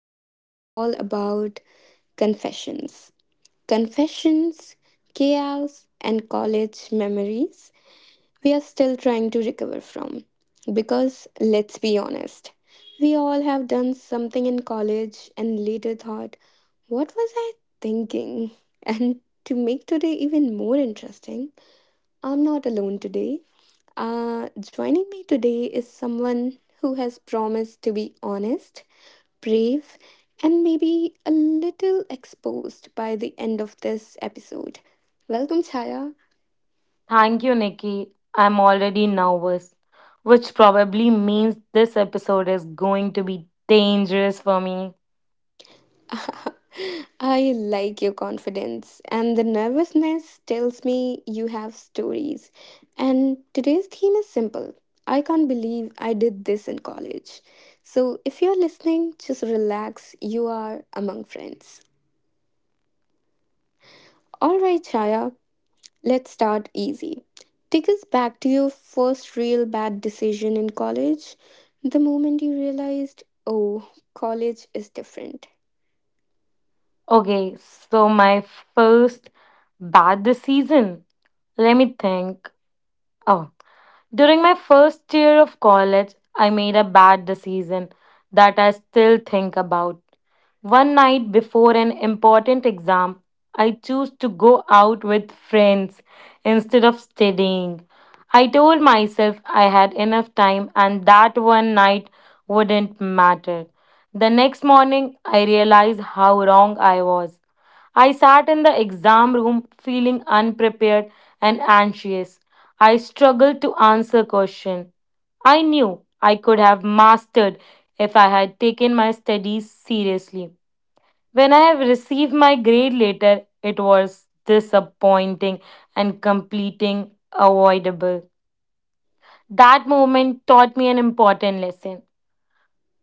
is all about confessions. Confessions, chaos, and college memories we are still trying to recover from. Because let's be honest, we all have done something in college and later thought, what was I thinking? And to make today even more interesting, I'm not alone today. Joining me today is someone who has promised to be honest, brave, and maybe a little exposed by the end of this episode. Welcome, Chaya. Thank you, Nikki. I'm already nervous, which probably means this episode is going to be dangerous for me. I like your confidence, and the nervousness tells me you have stories. And today's theme is simple: I can't believe I did this in college. So, if you're listening, just relax. You are among friends. All right, Chaya, let's start easy. Take us back to your first real bad decision in college. The moment you realized, oh, college is different. Okay, so my first bad this season. Let me think. Oh, during my first year of college, I made a bad decision that I still think about. One night before an important exam, I chose to go out with friends instead of studying. I told myself I had enough time and that one night wouldn't matter. The next morning, I realized how wrong I was. I sat in the exam room feeling unprepared and anxious. I struggled to answer question. I knew I could have mastered if I had taken my studies seriously. When I have received my grade later, it was disappointing and completing avoidable. That moment taught me an important lesson.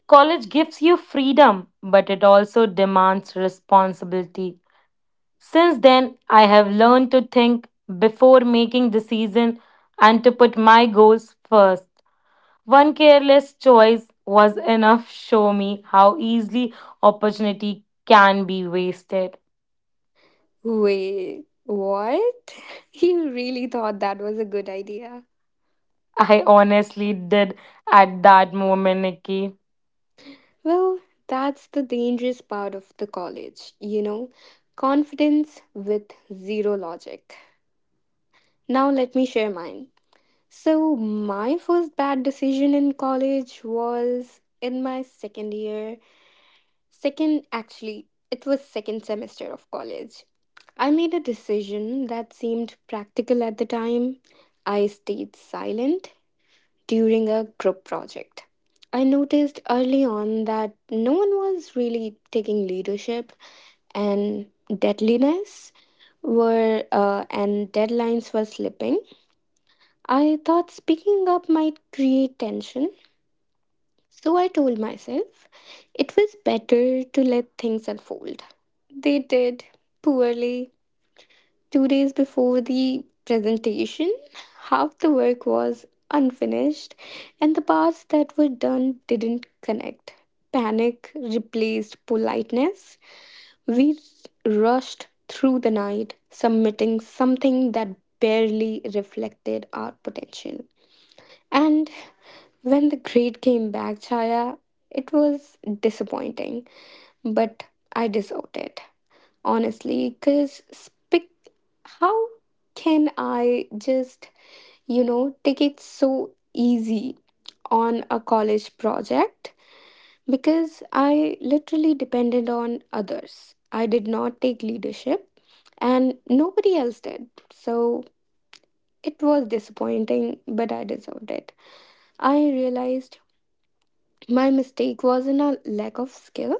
College gives you freedom, but it also demands responsibility. Since then, I have learned to think before making decisions and to put my goals first. One careless choice was enough show me how easily opportunity can be wasted. Wait, what? You really thought that was a good idea? I honestly did at that moment, Nikki. Well, that's the dangerous part of the college, you know, confidence with zero logic. Now, let me share mine. So, my first bad decision in college was in my second year Second, actually, it was second semester of college. I made a decision that seemed practical at the time. I stayed silent during a group project. I noticed early on that no one was really taking leadership, and deadliness were and deadlines were slipping. I thought speaking up might create tension, so I told myself it was better to let things unfold. They did poorly. 2 days before the presentation, half the work was unfinished, and the parts that were done didn't connect. Panic replaced politeness. We rushed through the night, submitting something that barely reflected our potential. And when the grade came back, Chaya, it was disappointing, but I deserved it honestly. Because speak how can I just take it so easy on a college project? Because I literally depended on others. I did not take leadership, and nobody else did. So it was disappointing, but I deserved it. I realized my mistake wasn't a lack of skill;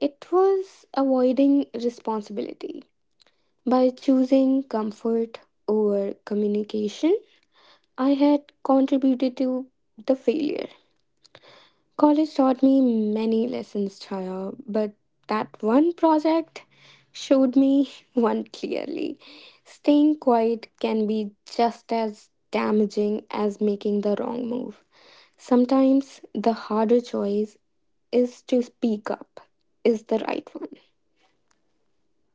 it was avoiding responsibility. By choosing comfort over communication, I had contributed to the failure. College taught me many lessons, Chaya, but that one project showed me one clearly. Staying quiet can be just as damaging as making the wrong move. Sometimes the harder choice is to speak up, is the right one.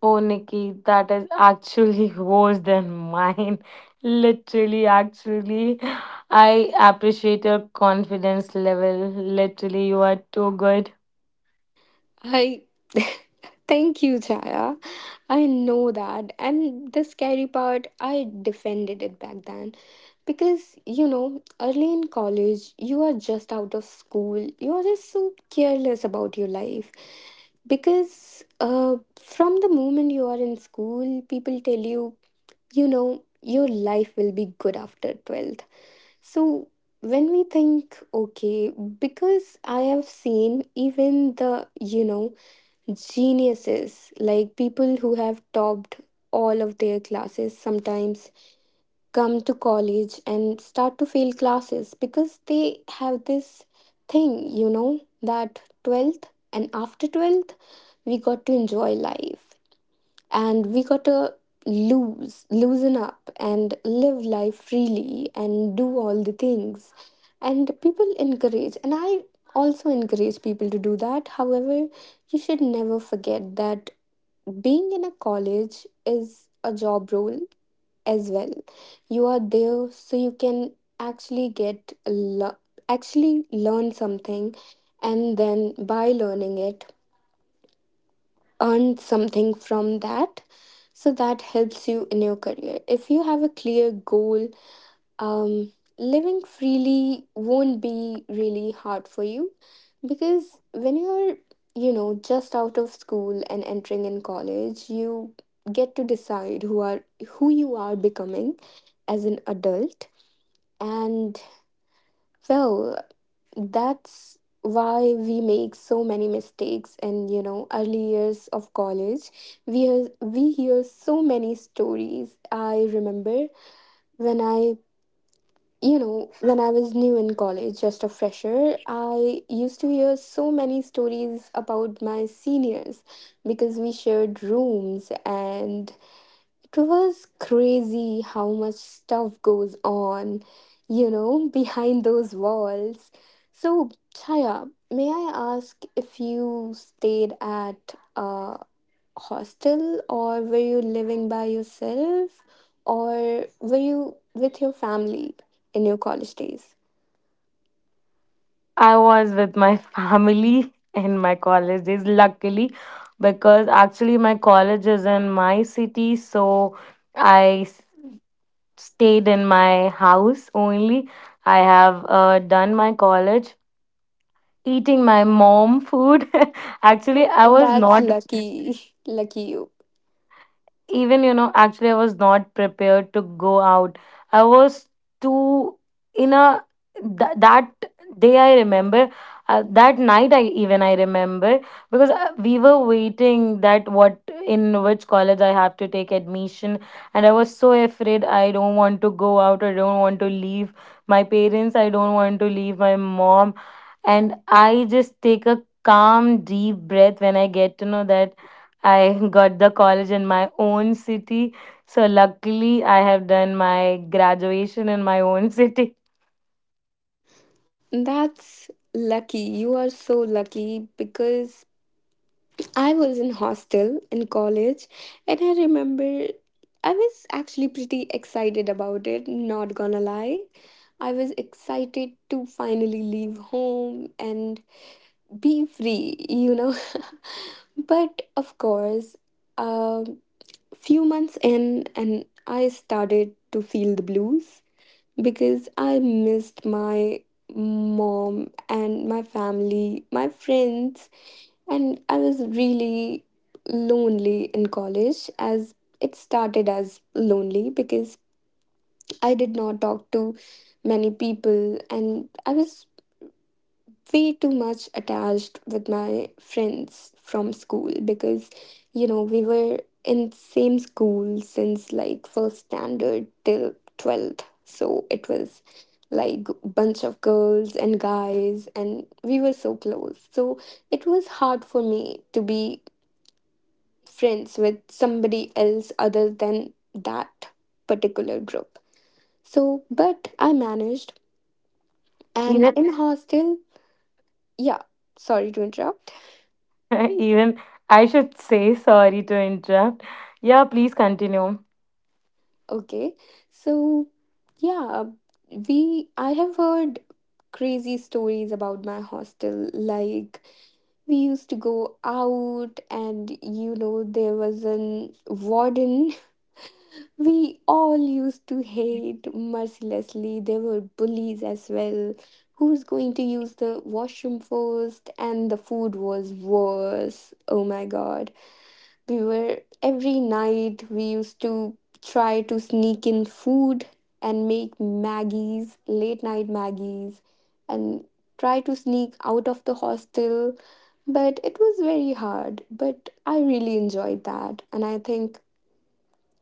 Oh, Nikki, that is actually worse than mine. Literally, actually, I appreciate your confidence level. Literally, you are too good. I thank you, Chaya. I know that. And the scary part, I defended it back then. Because, you know, early in college, you are just out of school. You're just so careless about your life. Because from the moment you are in school, people tell you, you know, your life will be good after 12th. So when we think, okay, because I have seen even the, you know, geniuses, like people who have topped all of their classes, sometimes come to college and start to fail classes because they have this thing, you know, that 12th, and after 12th, we got to enjoy life, and we gotta lose loosen up and live life freely and do all the things. And people encourage, and I also encourage people to do that. However, you should never forget that being in a college is a job role as well. You are there so you can actually get lo- actually learn something, and then, by learning it, earn something from that. So that helps you in your career. If you have a clear goal, um, living freely won't be really hard for you. Because when you're, you know, just out of school and entering in college, you get to decide who you are becoming as an adult. And well, that's why we make so many mistakes in, you know, early years of college. We hear so many stories. I remember when i when I was new in college, just a fresher, I used to hear so many stories about my seniors because we shared rooms, and it was crazy how much stuff goes on, you know, behind those walls. So, Chaya, may I ask if you stayed at a hostel, or were you living by yourself, or were you with your family in your college days? I was with my family in my college days, luckily, because actually my college is in my city, so I s- stayed in my house only. I have done my college eating my mom food. Actually, I was That's not lucky. Lucky you. even you know actually I was not prepared to go out. I was too in a that day I remember, that night I even I remember, because we were waiting that what in which college I have to take admission. And I was so afraid, I don't want to go out, I don't want to leave my parents, I don't want to leave my mom. And I just take a calm deep breath when I get to know that I got the college in my own city. So luckily, I have done my graduation in my own city. That's lucky. You are so lucky because I was in hostel in college, and I remember I was actually pretty excited about it, not gonna lie. I was excited to finally leave home and be free, you know. But of course, a few months in, and I started to feel the blues because I missed my mom and my family, my friends, and I was really lonely in college. As it started as lonely because I did not talk to many people, and I was way too much attached with my friends from school. Because, you know, we were in same school since like first standard till 12th, so it was like bunch of girls and guys, and we were so close. So it was hard for me to be friends with somebody else other than that particular group. So, but I managed. And Even, in hostel, yeah, sorry to interrupt. even I should say sorry to interrupt. Yeah, please continue. Okay. So, yeah, I have heard crazy stories about my hostel. Like, we used to go out, and you know, there was an warden we all used to hate mercilessly. There were bullies as well. Who's going to use the washroom first? And the food was worse. Oh my god. We were every night we used to try to sneak in food and make Maggies, late night Maggies, and try to sneak out of the hostel. But it was very hard. But I really enjoyed that. And I think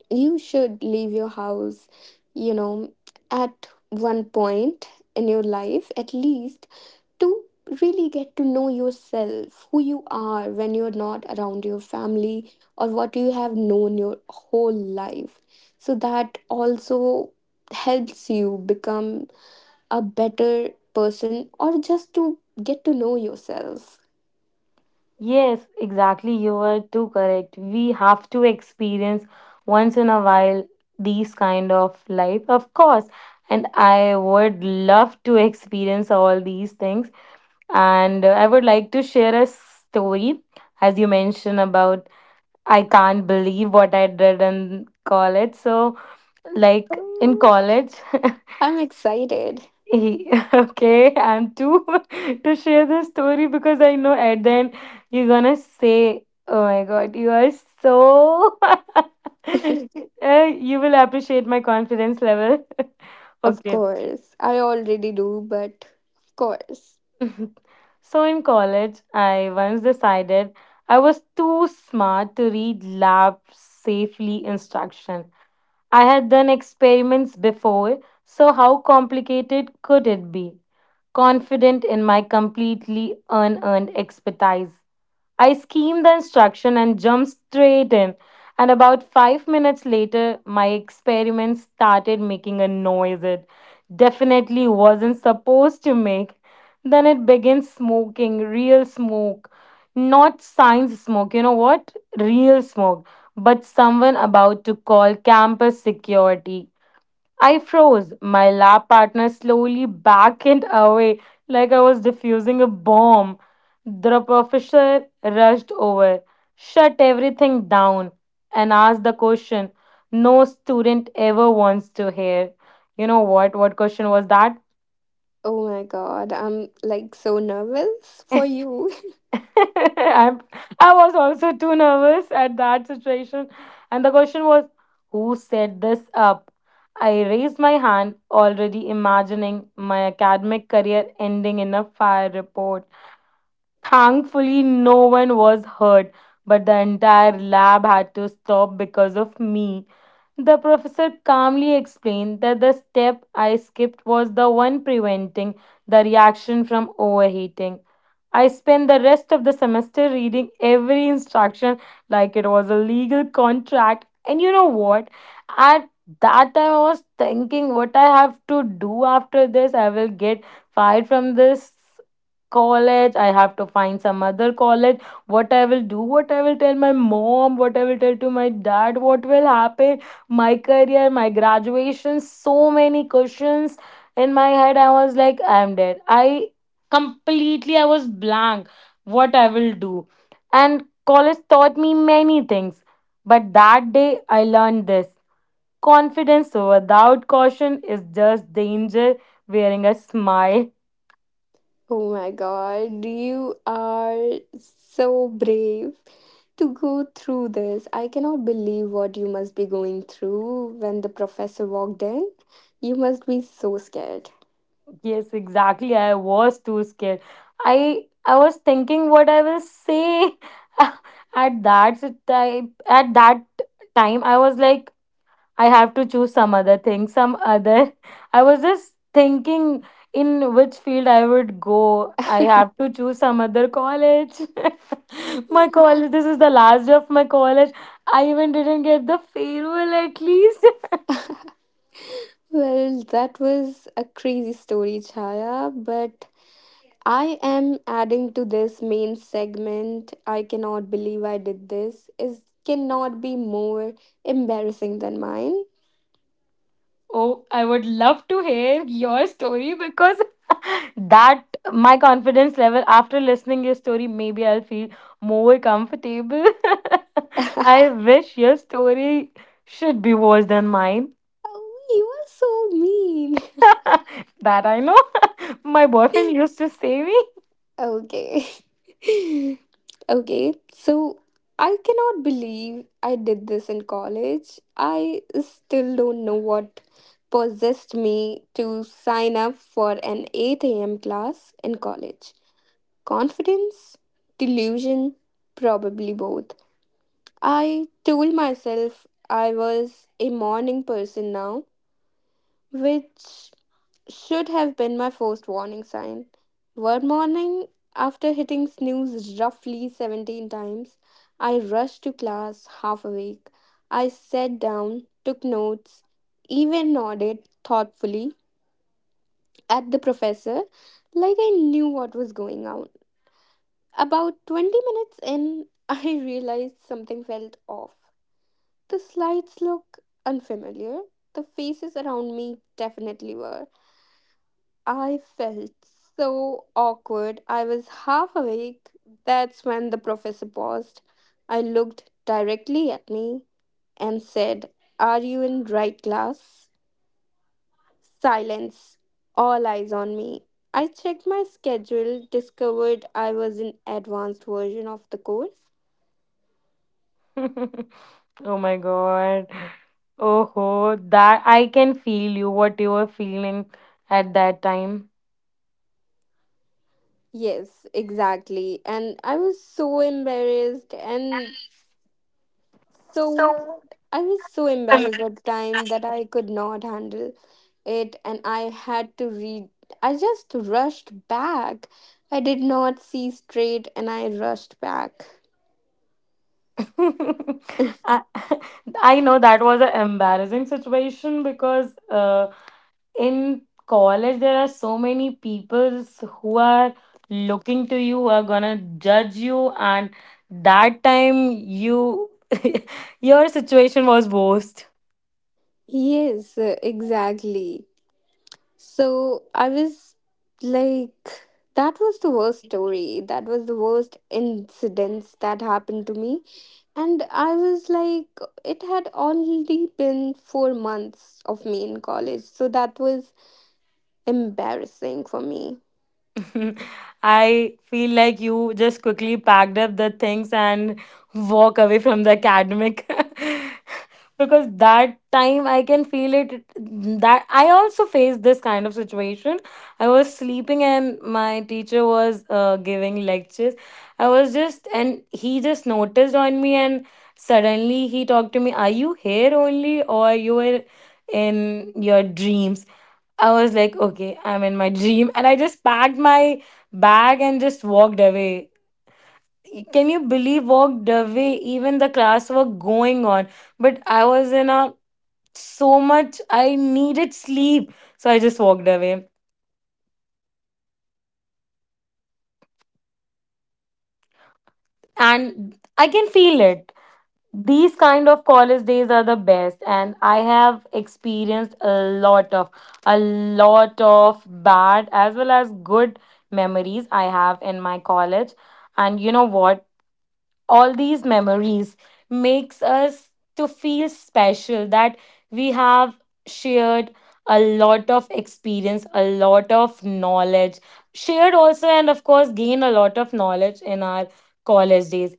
you should leave your house, you know, at one point in your life, at least, to really get to know yourself, who you are when you're not around your family or what you have known your whole life. So that also helps you become a better person, or just to get to know yourself. Yes, exactly. You were too correct. We have to experience once in a while these kind of life, of course. And I would love to experience all these things. And I would like to share a story, as you mentioned about I can't believe what I did in college. So, like in Mm, college, I'm excited, okay, I'm too to share this story because I know at the end you're gonna say, "Oh my God, you are so." You will appreciate my confidence level. of Okay. course. I already do, but of course. So in college, I once decided I was too smart to read lab safely instruction. I had done experiments before, so how complicated could it be? Confident in my completely unearned expertise. I schemed the instruction and jumped straight in, and about 5 minutes later, my experiment started making a noise it definitely wasn't supposed to make. Then it began smoking, real smoke, not science smoke, you know what? Real smoke, but someone about to call campus security. I froze, my lab partner slowly backed away like I was defusing a bomb. The professor rushed over, shut everything down, and asked the question no student ever wants to hear. You know what? What question was that? Oh my god, I'm like so nervous for you. I'm, I was also too nervous at that situation. And the question was, who set this up? I raised my hand, already imagining my academic career ending in a fire report. Thankfully, no one was hurt, but the entire lab had to stop because of me. The professor calmly explained that the step I skipped was the one preventing the reaction from overheating. I spent the rest of the semester reading every instruction like it was a legal contract. And you know what? At that time, I was thinking what I have to do after this. I will get fired from this college. I have to find some other college. What I will do, what I will tell my mom, what I will tell to my dad, what will happen my career, my graduation, so many questions in my head. I was like, I'm dead. I completely I was blank what I will do. And college taught me many things. But that day I learned this. Confidence without caution is just danger wearing a smile. Oh my god, you are so brave to go through this. I cannot believe what you must be going through when the professor walked in. You must be so scared. Yes, exactly. I was too scared. I was thinking what I will say at that time. At that time, I was like, I have to choose some other thing, some other. I was just thinking in which field I would go. I have to choose some other college. My college. This is the last day of my college. I even didn't get the farewell at least. Well, that was a crazy story, Chaya, but I am adding to this main segment. I cannot believe I did this. It cannot be more embarrassing than mine. Oh, I would love to hear your story because that my confidence level after listening your story maybe I'll feel more comfortable. Oh, I wish your story should be worse than mine. you are so mean. That I know. My boyfriend used to say me. Okay. Okay. So I cannot believe I did this in college. I still don't know what possessed me to sign up for an 8 a.m. class in college. Confidence, delusion, probably both. I told myself I was a morning person now, which should have been my first warning sign. One morning, after hitting snooze roughly 17 times, I rushed to class half awake. I sat down, took notes, even nodded thoughtfully at the professor like I knew what was going on. About 20 minutes in, I realized something felt off. The slides look unfamiliar. The faces around me definitely were. I felt so awkward. I was half awake. That's when the professor paused. I looked directly at me and said, "Are you in right class?" Silence. All eyes on me. I checked my schedule, discovered I was in advanced version of the course. Oh my god, oh ho, that I can feel you what you were feeling at that time. Yes, exactly. And I was so embarrassed, and so So I was so embarrassed at the time that I could not handle it, and I had to read I just rushed back. I did not see straight, and I rushed back. I, I know that was an embarrassing situation because in college there are so many people who are looking to you who are gonna judge you, and that time you your situation was worst. Yes, exactly. So I was like, that was the worst story. That was the worst incidents that happened to me. And I was like, it had already been 4 months of me in college. So that was embarrassing for me. I feel like you just quickly packed up the things and walk away from the academic because that time I can feel it that I also faced this kind of situation. I was sleeping and my teacher was giving lectures. I was just and he just noticed on me and suddenly he talked to me, "Are you here only or you were in your dreams?" I was like, okay, I'm in my dream. And I just packed my bag and just walked away. Can you believe walked away? Even the class were going on. But I was in a so much I needed sleep. So I just walked away. And I can feel it. These kind of college days are the best. And I have experienced a lot of bad as well as good memories I have in my college. And you know what? All these memories makes us to feel special that we have shared a lot of experience, a lot of knowledge shared also, and of course gain a lot of knowledge in our college days.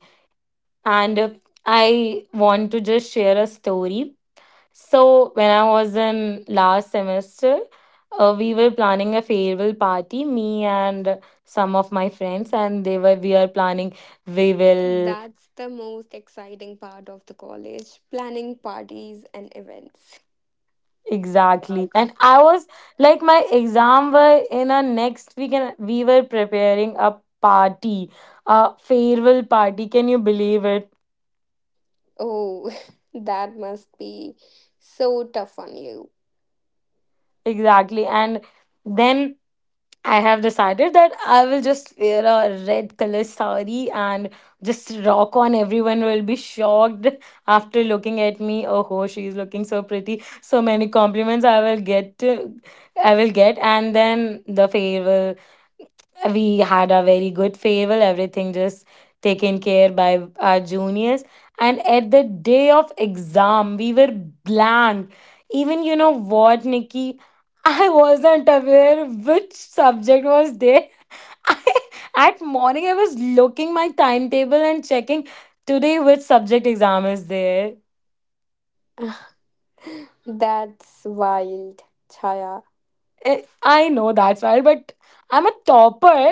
And I want to just share a story. So when I was in last semester, we were planning a farewell party, me and some of my friends, and they were we are planning we will That's the most exciting part of the college, planning parties and events. Exactly. And I was like my exam were in a next week and we were preparing a party, a farewell party. Can you believe it? Oh, that must be so tough on you. Exactly. And then I have decided that I will just wear a red color sari and just rock on. Everyone will be shocked after looking at me. Oh, she's looking so pretty. So many compliments I will get. I will get, and then the farewell. We had a very good farewell, everything just taken care by our juniors. And at the day of exam we were blank. Even you know what, Nikki, I wasn't aware which subject was there. I, at morning I was looking my timetable and checking today which subject exam is there. That's wild, Chaya. Eh, I know that's right, but I'm a topper.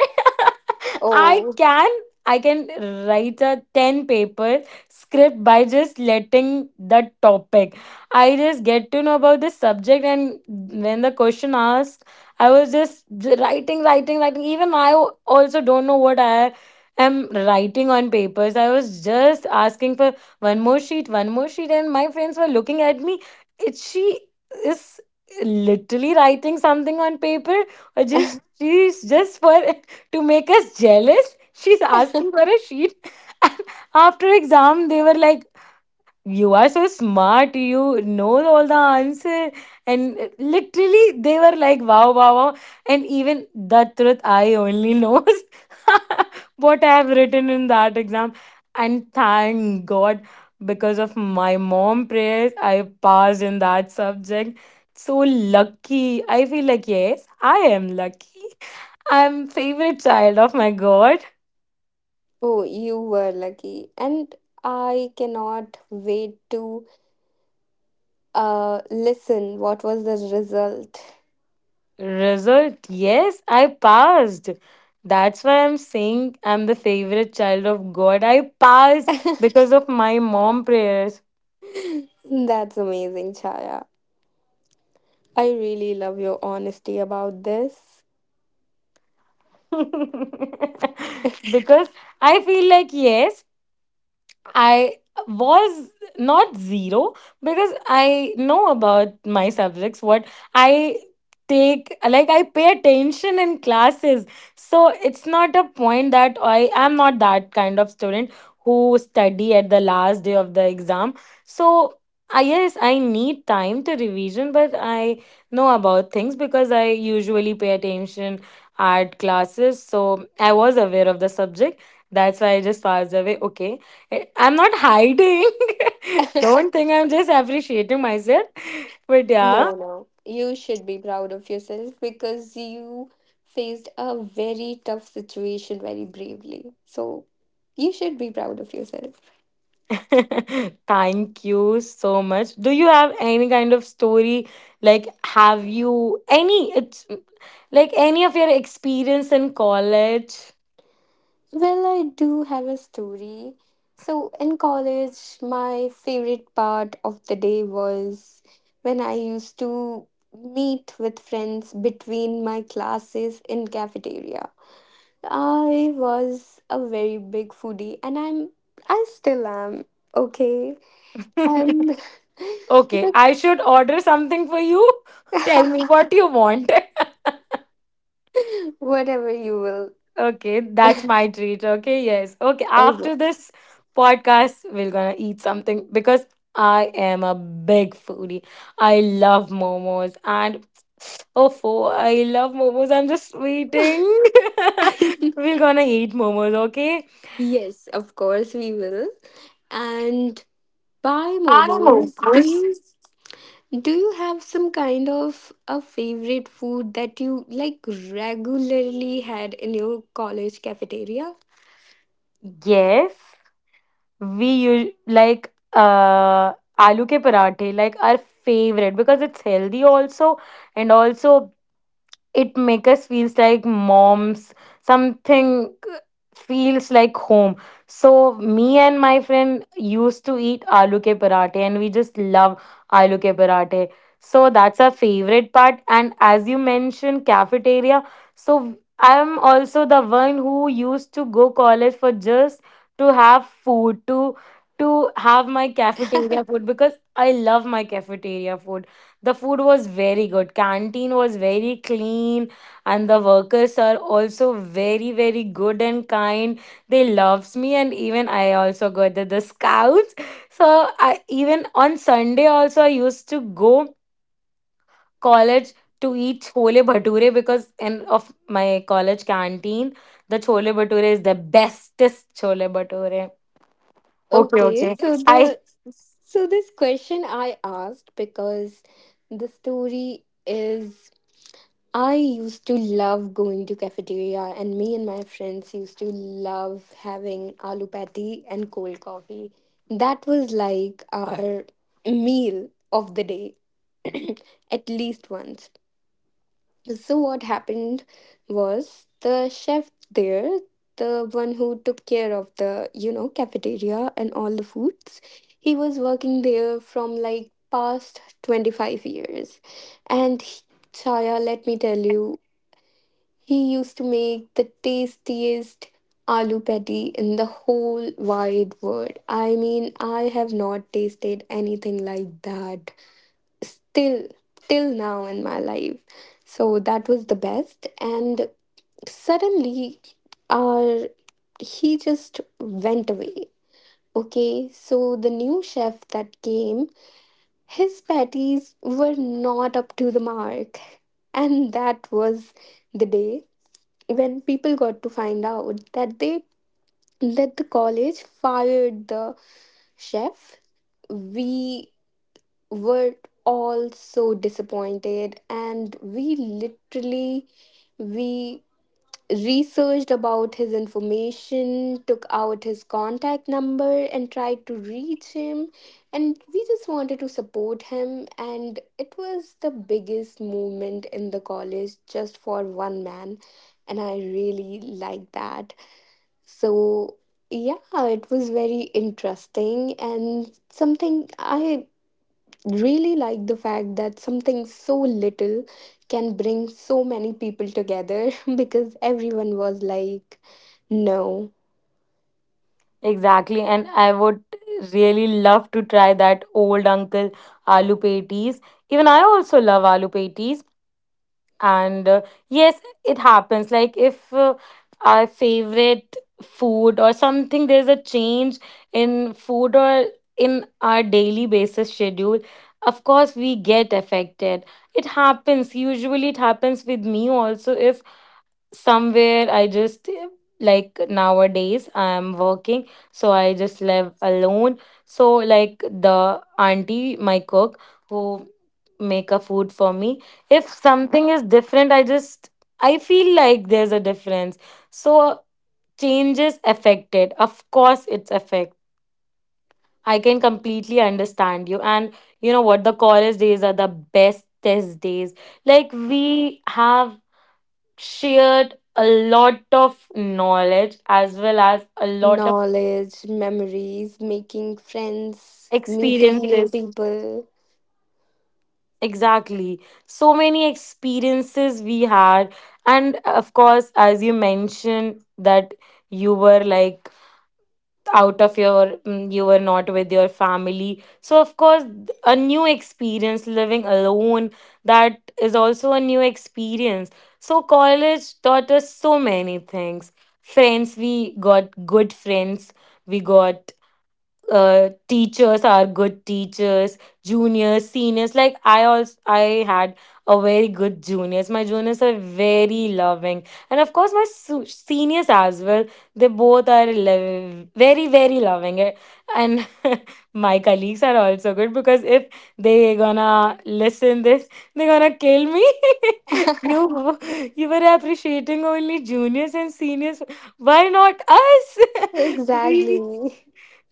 I Oh, can I can write a 10 paper script by just letting the topic. I just get to know about the subject and when the question asked, I was just writing, writing, writing. Even also don't know what I am writing on papers. I was just asking for one more sheet, and my friends were looking at me. It she is literally writing something on paper or just she's just for to make us jealous she's asking for a sheet. And after exam they were like, you are so smart, you know all the answer. And literally they were like, wow, wow, wow. And even the truth I only knows what I have written in that exam. And thank god, because of my mom prayers I passed in that subject. So lucky, I feel like, yes, I am lucky. I'm favorite child of my god. oh, you were lucky. And I cannot wait to listen what was the result. Result, yes, I passed. That's why I'm saying I'm the favorite child of God. I passed because of my mom prayers. That's amazing, Chaya. I really love your honesty about this. Because I feel like, yes, I was not zero because I know about my subjects, what I take, like, I pay attention in classes. So it's not a point that I am not that kind of student who study at the last day of the exam. So I yes, I need time to revision, but I know about things because I usually pay attention at classes. So I was aware of the subject. That's why I just passed away. Okay, I'm not hiding. Don't think I'm just appreciating myself. But yeah, No, no. You should be proud of yourself because you faced a very tough situation very bravely. So you should be proud of yourself. thank you so much. Do you have any kind of story? Like, have you any? It's like any of your experience in college. Well, I do have a story. So, in college, my favorite part of the day was when I used to meet with friends between my classes in cafeteria. I was a very big foodie, and I still am, okay? And Okay, but I should order something for you. Tell me what you want. whatever you will. Okay, that's my treat. Okay, yes. Okay, I will. after this podcast, we're gonna eat something because I am a big foodie. I love momos and oh, I love momos. I'm just waiting. We're gonna eat momos, okay? Yes, of course we will. And bye, I momos. Momos. Do you have some kind of a favorite food that you like regularly had in your college cafeteria? Yes, we use like aloo ke parathe, like our favorite because it's healthy also and also it make us feels like moms something feels like home. So me and my friend used to eat aloo ke parathe and we just love aloo ke parathe. So that's our favorite part. And as you mentioned cafeteria, so I'm also the one who used to go college for just to have food to have my cafeteria food because I love my cafeteria food. The food was very good. Canteen was very clean, and the workers are also very, very good and kind. They loves me, and even I also go to the scouts. So I even on Sunday also I used to go college to eat chole bhature because in of my college canteen the chole bhature is the bestest chole bhature. Okay, Okay, okay. so the I so this question I asked because the story is I used to love going to cafeteria, and me and my friends used to love having aloo patty and cold coffee. That was like our meal of the day at least once. So what happened was the chef there, the one who took care of the, you know, cafeteria and all the foods, he was working there from like past 25 years, and he- Chaya, let me tell you, he used to make the tastiest aloo patty in the whole wide world. I mean, I have not tasted anything like that still, till now in my life. So that was the best. And suddenly, our he just went away. Okay, so the new chef that came, his patties were not up to the mark. And that was the day when people got to find out that they that the college fired the chef. We were all so disappointed, and we literally we researched about his information, took out his contact number, and tried to reach him. And we just wanted to support him. And it was the biggest movement in the college just for one man. And I really liked that. So, yeah, it was very interesting, and something I really like the fact that something so little can bring so many people together because everyone was like, no, exactly, and I would really love to try that old uncle aloo patties. Even I also love aloo patties, and yes, it happens. Like if our favorite food or something, there's a change in food or in our daily basis schedule. Of course, we get affected. It happens. Usually, it happens with me also. If somewhere I just like nowadays I'm working so I just live alone. So like the auntie my cook who make a food for me, if something is different I just I feel like there's a difference. So changes affected, of course it's affect. I can completely understand you. And you know what, the college days are the best test days. Like we have shared a lot of knowledge as well as a lot of knowledge, memories, making friends, meeting new experiences. people. Exactly. So many experiences we had. And of course, as you mentioned, that you were like out of your you were not with your family, so of course a new experience living alone, that is also a new experience. So college taught us so many things. Friends, we got good friends. We got teachers are good teachers. Juniors, seniors, like I also I had a very good juniors. My juniors are very loving, and of course my seniors as well. They both are very, very loving. And my colleagues are also good because if they gonna listen this they gonna kill me. No, you were appreciating only juniors and seniors, why not us? Exactly. we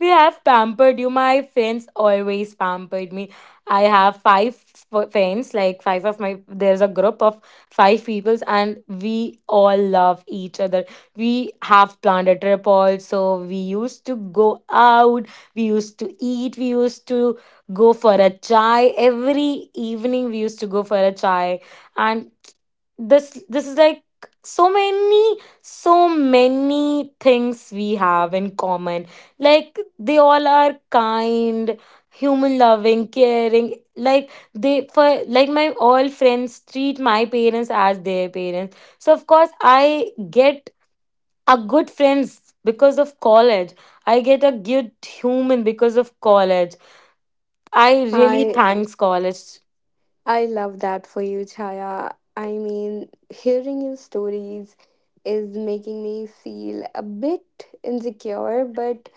we have pampered you. My friends always pampered me. I have five friends, like five of my. There's a group of five peoples, and we all love each other. We have planned a trip also. We used to go out. We used to eat. We used to go for a chai every evening. We used to go for a chai, and this is like so many things we have in common. Like they all are kind, human, loving, caring. Like they for like my all friends treat my parents as their parents, so of course I get a good friends because of college. I get a good human because of college. I really I thanks college. I love that for you, Chaya. I mean, hearing your stories is making me feel a bit insecure, but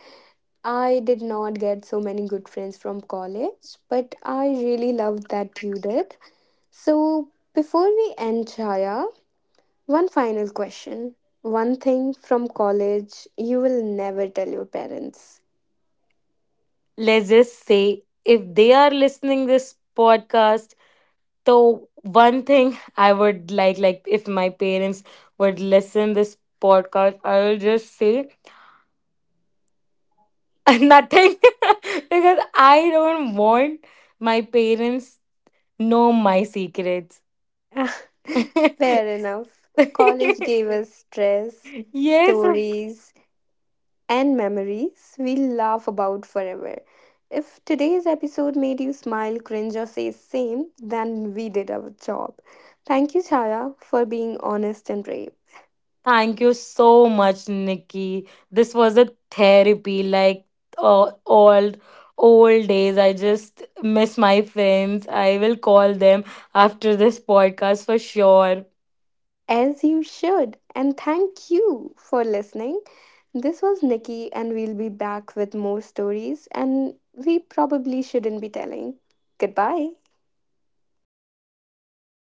I did not get so many good friends from college, but I really loved that you did. So, before we end, Chaya, one final question. One thing from college you will never tell your parents. Let's just say if they are listening this podcast. So one thing I would like if my parents would listen this podcast, I will just say nothing because I don't want my parents know my secrets. Ah, fair enough. College gave us stress, Yes, of- stories, and memories we'll laugh about forever. If today's episode made you smile, cringe, or say same, then we did our job. Thank you, Chaya, for being honest and brave, thank you so much, Nikki. This was a therapy, like uh, old old days. I just miss my friends. I will call them after this podcast for sure. as you should. And thank you for listening. This was Nikki, and we'll be back with more stories, and we probably shouldn't be telling. Goodbye.